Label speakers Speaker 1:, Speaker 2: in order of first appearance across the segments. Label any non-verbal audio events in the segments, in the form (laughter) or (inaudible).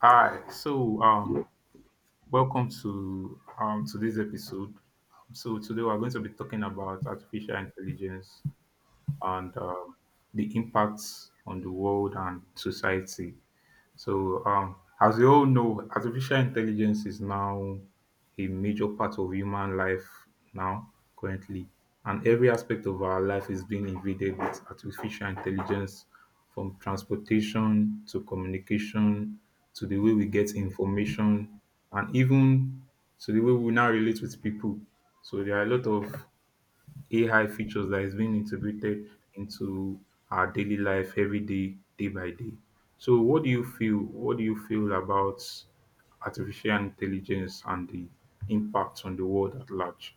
Speaker 1: Hi. Welcome to today's episode. So today we're going to be talking about artificial intelligence and the impacts on the world and society. As we all know, artificial intelligence is now a major part of human life now, currently, and every aspect of our life is being invaded with artificial intelligence from transportation to communication to the way we get information and even to the way we now relate with people. So, there are a lot of AI features that is being integrated into our daily life every day, day by day. So what do you feel about artificial intelligence and the impact on the world at large?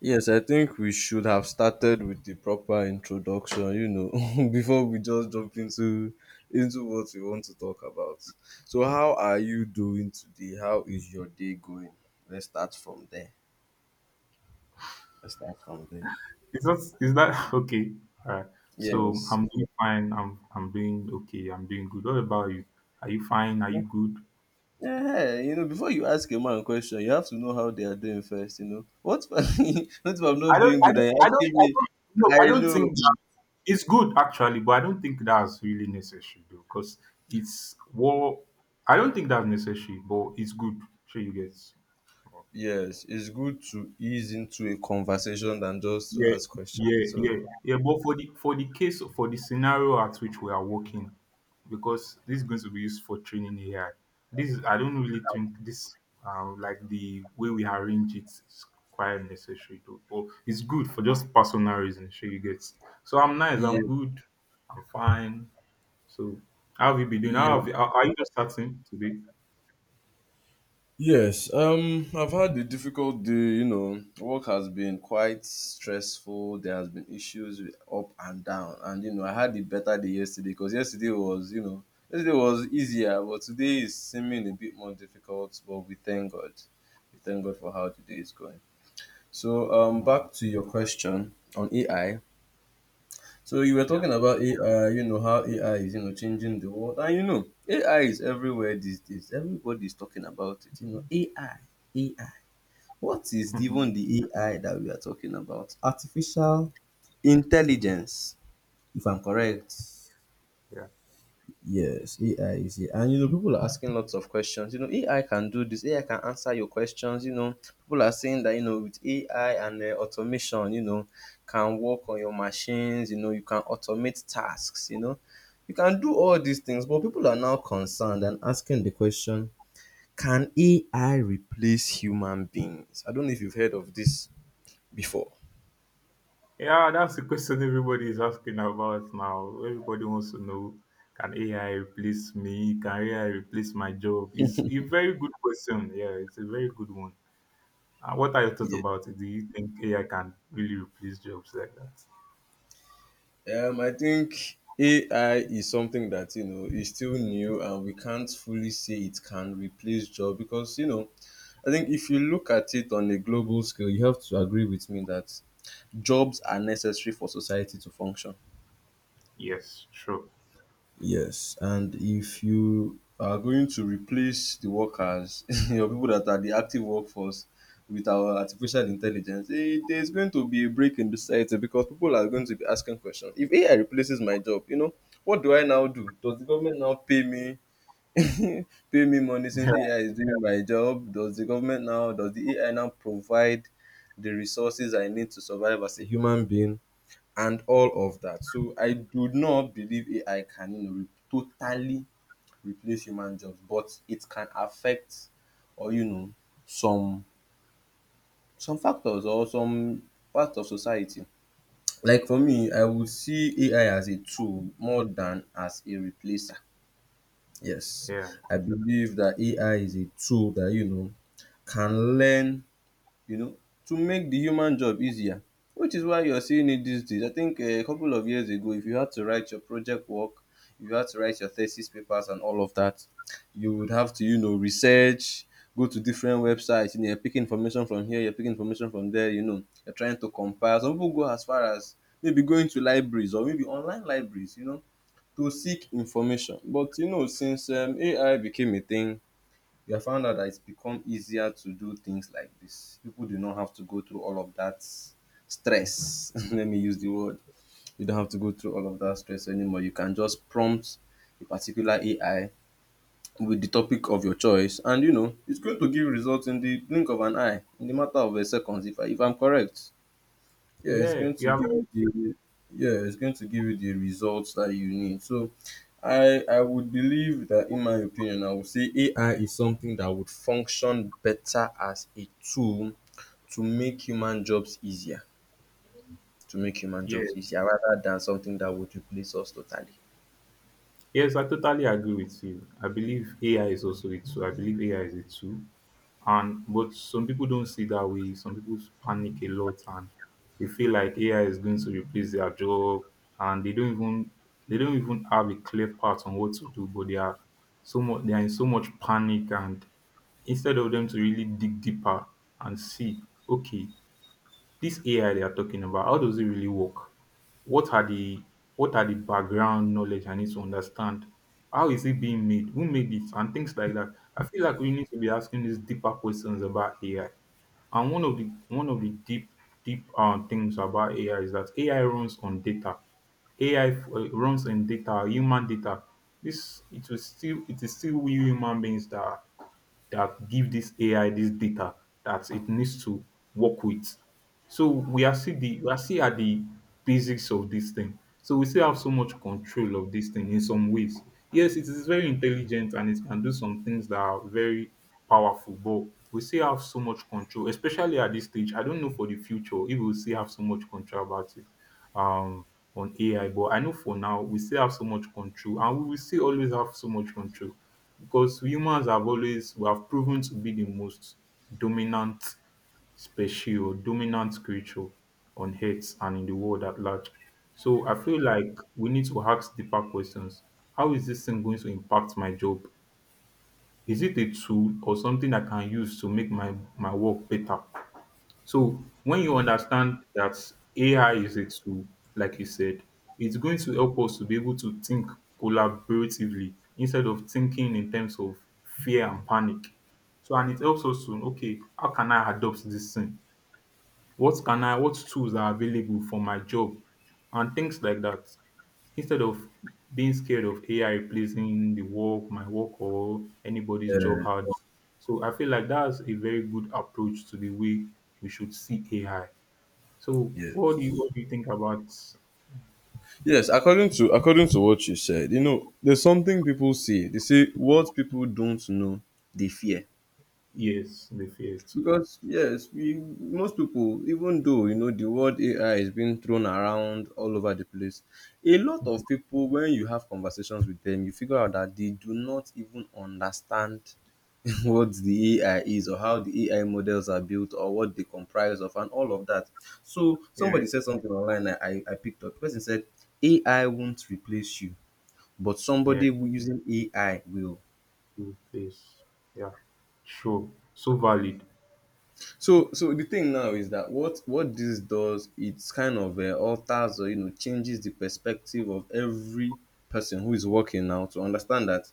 Speaker 2: Yes, I think we should have started with the proper introduction, (laughs) before we just jump into what we want to talk about. So how are you doing today? How is your day going? Let's start from there. Let's start from there.
Speaker 1: Is that (laughs) okay? All right. So
Speaker 2: Yes.
Speaker 1: I'm doing fine. I'm doing okay. I'm doing good. What about you? Are you fine? Are you good?
Speaker 2: Yeah, you know, before you ask a man a question, you have to know how they are doing first, you know. What if, (laughs) what if I'm
Speaker 1: I
Speaker 2: not
Speaker 1: don't,
Speaker 2: doing
Speaker 1: I
Speaker 2: good
Speaker 1: don't,
Speaker 2: and you're
Speaker 1: I don't,
Speaker 2: asking
Speaker 1: I
Speaker 2: me?
Speaker 1: don't, No,
Speaker 2: I
Speaker 1: I don't
Speaker 2: know.
Speaker 1: think that it's good actually, but I don't think that's really necessary though, because it's war. I don't think that's necessary, but it's good. Sure, you get.
Speaker 2: Yes, it's good to ease into a conversation than just to
Speaker 1: Yeah,
Speaker 2: ask questions.
Speaker 1: yeah, yeah,
Speaker 2: So
Speaker 1: yeah. But for the scenario at which we are working, because this is going to be used for training AI. This is I don't really think this like the way we arrange it is quite necessary to or it's good for just personal reasons. Sure you get. So I'm nice.
Speaker 2: yeah,
Speaker 1: I'm good. I'm fine. So how have you been doing?
Speaker 2: yeah,
Speaker 1: Are you just starting today?
Speaker 2: yes. I've had a difficult day. You know, work has been quite stressful. There has been issues with up and down, and you know, I had a better day yesterday because yesterday was easier, but today is seeming a bit more difficult. But we thank God for how today is going. So,
Speaker 1: Uh,
Speaker 2: back to your question on AI. So you were
Speaker 1: yeah,
Speaker 2: talking about AI, you know, how AI is, you know, changing the world. And you know, AI is everywhere these days. Everybody's talking about it. You know, AI, AI. What is even
Speaker 1: (laughs)
Speaker 2: the AI that we are talking about? Artificial intelligence, if I'm
Speaker 1: yeah,
Speaker 2: correct.
Speaker 1: yeah.
Speaker 2: Yes, AI is here. And you know, people are asking lots of questions. You know, AI can do this, AI can answer your questions. You know, people are saying that, you know, with AI and automation, you know, can work on your machines, you know, you can automate tasks, you know, you can do all these things. But people are now concerned and asking the question, can AI replace human beings? I don't know if you've heard of this before.
Speaker 1: Yeah, that's the question everybody is asking about now. Everybody wants to know, can AI replace me? Can AI replace my job? It's a very good question. Yeah, it's a very good one. What are your thoughts
Speaker 2: Yeah.
Speaker 1: about it? Do you think AI can really replace jobs like that?
Speaker 2: I think AI is something that you know is still new, and we can't fully say it can replace job because you know, I think if you look at it on a global scale, you have to agree with me that jobs are necessary for society to function.
Speaker 1: Yes, sure.
Speaker 2: Yes, and if you are going to replace the workers, (laughs) your people that are the active workforce, with our artificial intelligence, eh, there's going to be a break in the society because people are going to be asking questions. If AI replaces my job, you know, what do I now do? Does the government now pay me (laughs) pay me money since
Speaker 1: (laughs)
Speaker 2: AI is doing my job? Does the AI now provide the resources I need to survive as a human being? And all of that. So I do not believe AI can you know totally replace human jobs, but it can affect or you know some some factors or some part of society. Like for me, I would see AI as a tool more than as a replacer. Yes,
Speaker 1: Yeah,
Speaker 2: I believe that AI is a tool that you know can learn you know, to make the human job easier. Which is why you're seeing it these days. I think a couple of years ago, if you had to write your project work, if you had to write your thesis papers and all of that, you would have to, you know, research, go to different websites, you know, you're picking information from here, you're picking information from there, you know, you're trying to compile. Some people go as far as maybe going to libraries or maybe online libraries, you know, to seek information. But you know, since AI became a thing, we have found out that it's become easier to do things like this. People do not have to go through all of that stress. (laughs) Let me use the word. You don't have to go through all of that stress anymore. You can just prompt a particular AI with the topic of your choice, and you know it's going to give results in the blink of an eye, in the matter of a seconds. If I'm correct yeah it's
Speaker 1: yeah.
Speaker 2: going
Speaker 1: You
Speaker 2: to
Speaker 1: have,
Speaker 2: give you the yeah it's going to give you the results that you need. So I would believe that in my opinion I would say AI is something that would function better as a tool to make human jobs easier to make human
Speaker 1: yeah.
Speaker 2: jobs easier rather than something that would replace us totally.
Speaker 1: Yes, I totally agree with you. I believe AI is also a tool. I believe AI is a tool. And but some people don't see that way. Some people panic a lot and they feel like AI is going to replace their job and they don't even have a clear path on what to do, but they are so much they are in so much panic and instead of them to really dig deeper and see, okay, this AI they are talking about, how does it really work? What are the what are the background knowledge I need to understand? How is it being made? Who made it? And things like that. I feel like we need to be asking these deeper questions about AI. And one of the deep things about AI is that AI runs on data. AI runs on data, human data. This it is still we human beings that give this AI this data that it needs to work with. So we are still the we are still at the basics of this thing. So we still have so much control of this thing in some ways. Yes, it is very intelligent and it can do some things that are very powerful, but we still have so much control, especially at this stage. I don't know for the future if we will still have so much control about it um on AI, but I know for now we still have so much control and we will still always have so much control because humans have always we have proven to be the most dominant spatial dominant creature on Earth and in the world at large. So I feel like we need to ask deeper questions. How is this thing going to impact my job? Is it a tool or something I can use to make my work better? So when you understand that AI is a tool, like you said, it's going to help us to be able to think collaboratively instead of thinking in terms of fear and panic. So and it helps us to okay, how can I adopt this thing? What tools are available for my job and things like that. Instead of being scared of AI replacing my work, or anybody's job harder. So I feel like that's a very good approach to the way we should see AI. So
Speaker 2: Yeah.
Speaker 1: what do you think about
Speaker 2: Yes, according to according to what you said, you know, there's something people say. They say what people don't know, they fear.
Speaker 1: yes, the fiat?
Speaker 2: Because yes, we most people, even though you know the word AI is being thrown around all over the place, a lot
Speaker 1: Mhm.
Speaker 2: of people when you have conversations with them, you figure out that they do not even understand (laughs) what the AI is or how the AI models are built or what they comprise of and all of that. So
Speaker 1: Yeah,
Speaker 2: somebody said something online I picked up. The person said AI won't replace you, but
Speaker 1: yeah,
Speaker 2: somebody who using AI will.
Speaker 1: good place. Yeah, sure. So valid.
Speaker 2: So so the thing now is that what this does it's kind of alters or you know changes the perspective of every person who is working now to understand that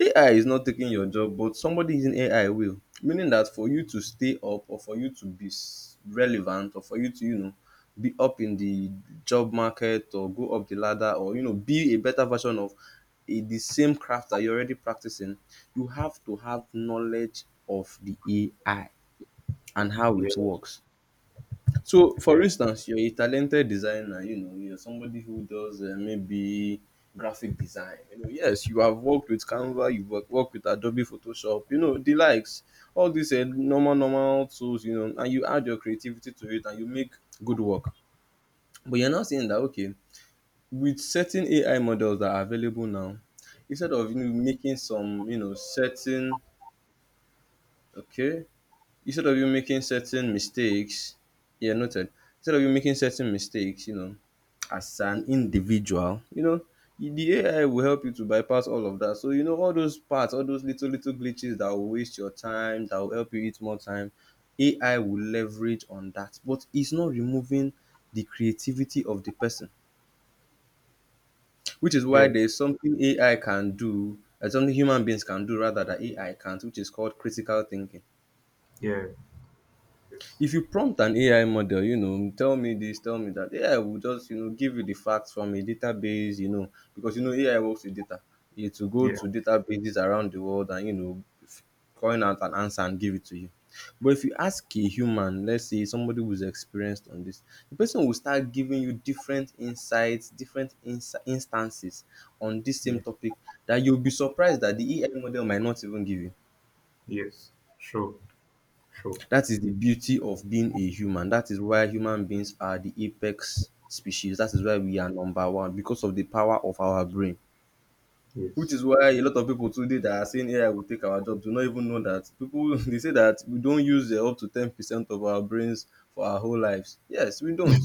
Speaker 2: AI is not taking your job, but somebody using AI will. Meaning that for you to stay up or for you to relevant or for you to you know be up in the job market or go up the ladder or you know be a better version of the same craft that you're already practicing, you have to have knowledge of the AI and how
Speaker 1: Yeah,
Speaker 2: it works. So, for
Speaker 1: yeah,
Speaker 2: instance, you're a talented designer, you know, you're somebody who does maybe graphic design. You know, yes, you have worked with Canva, you've worked with Adobe Photoshop, you know, the likes, all these normal tools, you know, and you add your creativity to it and you make good work. But you're now saying that, okay, with certain AI models that are available now, instead of you know, making some, you know, certain, okay, instead of you making certain mistakes, yeah, noted. Instead of you making certain mistakes, you know, as an individual, you know, the AI will help you to bypass all of that. So you know all those parts, all those little glitches that will waste your time, that will help you eat more time. AI will leverage on that, but it's not removing the creativity of the person, which is why
Speaker 1: yes,
Speaker 2: there's something AI can do, and something human beings can do rather that AI can't, which is called critical thinking.
Speaker 1: yeah, yes,
Speaker 2: If you prompt an AI model, you know, tell me this, tell me that, AI will just, you know, give you the facts from a database, you know, because, you know, AI works with data. It will go
Speaker 1: yeah,
Speaker 2: to databases around the world and, you know, coin out an answer and give it to you. But if you ask a human, let's say somebody who's experienced on this, the person will start giving you different insights, different instances on this same
Speaker 1: yeah,
Speaker 2: topic that you'll be surprised that the AI model might not even give you.
Speaker 1: yes, sure, sure.
Speaker 2: That is the beauty of being a human. That is why human beings are the apex species. That is why we are number one because of the power of our brain.
Speaker 1: Yes.
Speaker 2: Which is why a lot of people today that are saying AI will take our job do not even know that people (laughs) they say that we don't use up to 10% of our brains for our whole lives. Yes, we don't.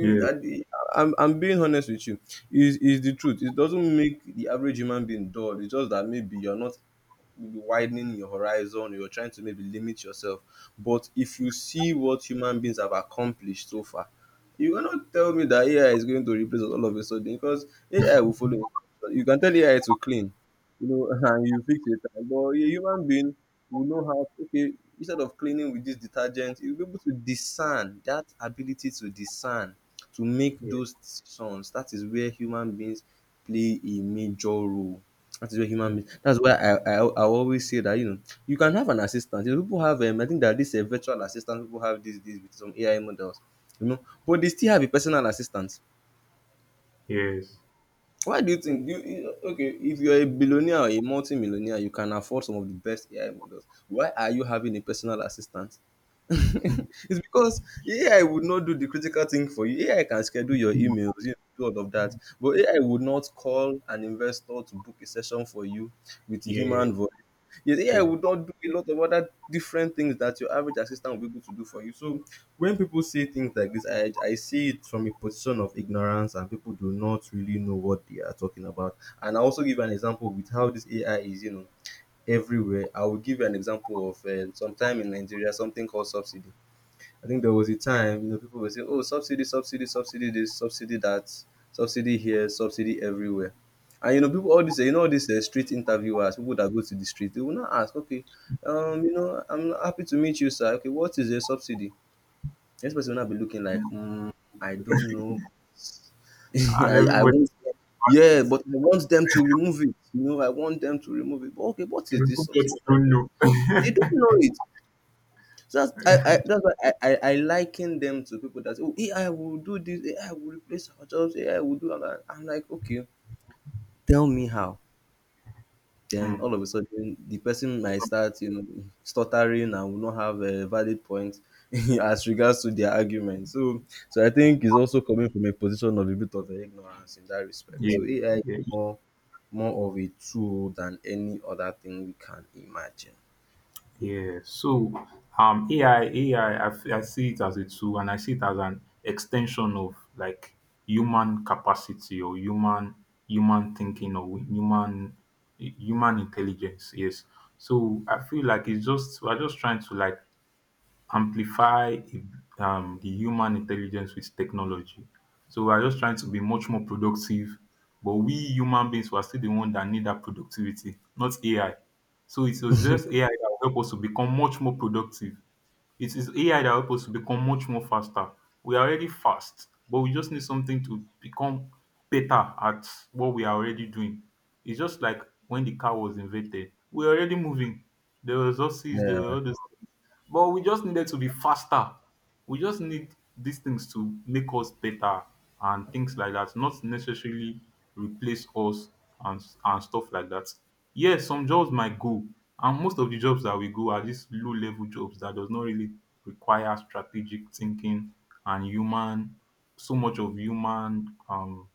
Speaker 1: Yes. Yes.
Speaker 2: I- I'm being honest with you. Is the truth. It doesn't make the average human being dull. It's just that maybe you're not maybe widening your horizon or you're trying to maybe limit yourself. But if you see what human beings have accomplished so far, you cannot tell me that AI is going to replace us all of a sudden because AI will follow instruction. You can tell AI to clean, you know, (laughs) and you fix it. But a human being will know how, okay, instead of cleaning with this detergent, you'll be able to discern that ability to discern, to make
Speaker 1: Yes.
Speaker 2: those decisions. That is where human beings play a major role. That is where human beings. That's why I always say that you know you can have an assistant. You know, people have I think that this virtual assistant people have these days with some AI models, you know, but they still have a personal assistant.
Speaker 1: Yes.
Speaker 2: Why do you think do you, okay, if you're a billionaire or a multi-millionaire, you can afford some of the best AI models. Why are you having a personal assistant? (laughs)
Speaker 1: (laughs)
Speaker 2: It's because AI would not do the critical thing for you. AI can schedule your emails, you know, do all of that. But AI would not call an investor to book a session for you with a
Speaker 1: yeah.
Speaker 2: human voice. Yes, AI
Speaker 1: Yeah.
Speaker 2: would not do a lot of other different things that your average assistant will be able to do for you. So when people say things like this, I see it from a position of ignorance, and people do not really know what they are talking about. And I also give an example with how this AI is, you know, everywhere. I will give you an example of sometime in Nigeria, something called subsidy. I think there was a time, you know, people were saying, "Oh, subsidy, subsidy, subsidy, this, subsidy that, subsidy here, subsidy everywhere." And you know, people all this, you know, all these street interviewers, people that go to the street, they will not ask, "Okay, you know, I'm happy to meet you, sir. Okay, what is a subsidy?" Next person will not be looking like, mm, I don't know. (laughs)
Speaker 1: And
Speaker 2: I
Speaker 1: everybody
Speaker 2: want them. Yeah,
Speaker 1: starts it.
Speaker 2: but I want them to remove it. You know, I want them to remove it. But okay, what
Speaker 1: You
Speaker 2: is this
Speaker 1: remove what
Speaker 2: subsidy?
Speaker 1: you
Speaker 2: They don't
Speaker 1: don't
Speaker 2: know it. So that's
Speaker 1: know.
Speaker 2: I
Speaker 1: (laughs)
Speaker 2: that's why I liken them to people that say, oh AI will do this, AI will replace our jobs, AI will do that. I'm like, okay, tell me how. Then
Speaker 1: Hmm.
Speaker 2: all of a sudden the person might start you know stuttering and will not have a valid point (laughs) as regards to their argument. So so I think it's also coming from a position of a bit of ignorance in that respect. So
Speaker 1: Yeah.
Speaker 2: AI is
Speaker 1: Yeah.
Speaker 2: more more of a tool than any other thing we can imagine.
Speaker 1: Yeah. So um AI AI I see it as a tool and I see it as an extension of like human capacity or human thinking or human intelligence. Yes. So I feel like it's just we're just trying to like amplify the human intelligence with technology. So we are just trying to be much more productive, but we human beings we are still the one that need that productivity, not AI. So it was just AI that will help us to become much more productive. It is AI that help us to become much more faster. We are already fast, but we just need something to become better at what we are already doing. It's just like when the car was invented. We are already moving. There was horses, there were
Speaker 2: Yeah
Speaker 1: all those things. But we just needed to be faster. We just need these things to make us better and things like that, not necessarily replace us and stuff like that. Yes, some jobs might go, and most of the jobs that we go are these low level jobs that does not really require strategic thinking and human so much of human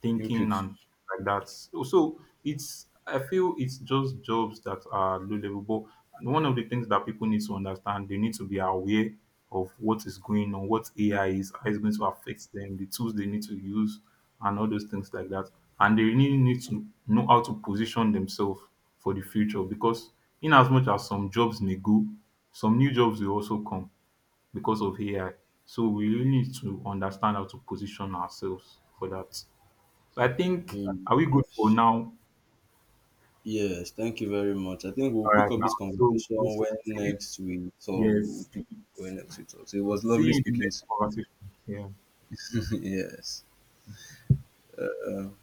Speaker 1: thinking
Speaker 2: input.
Speaker 1: and like that. So it's I feel it's just jobs that are low level. But one of the things that people need to understand, they need to be aware of what is going on, what AI is, how it's going to affect them, the tools they need to use, and all those things like that. And they really need to know how to position themselves for the future because in as much as some jobs may go, some new jobs will also come because of AI. So we really need to understand how to position ourselves for that. So I think,
Speaker 2: Mm.
Speaker 1: are we good for now? All
Speaker 2: Yes, thank you very much. I think we'll pick
Speaker 1: right,
Speaker 2: up
Speaker 1: now.
Speaker 2: this
Speaker 1: So,
Speaker 2: conversation
Speaker 1: we'll
Speaker 2: when
Speaker 1: see,
Speaker 2: next we talk. We'll
Speaker 1: yes,
Speaker 2: pick when next we talk. So it was
Speaker 1: see
Speaker 2: lovely
Speaker 1: you in the
Speaker 2: speaking
Speaker 1: next
Speaker 2: to
Speaker 1: conversation. Yeah.
Speaker 2: you. (laughs) Yes. Uh, um,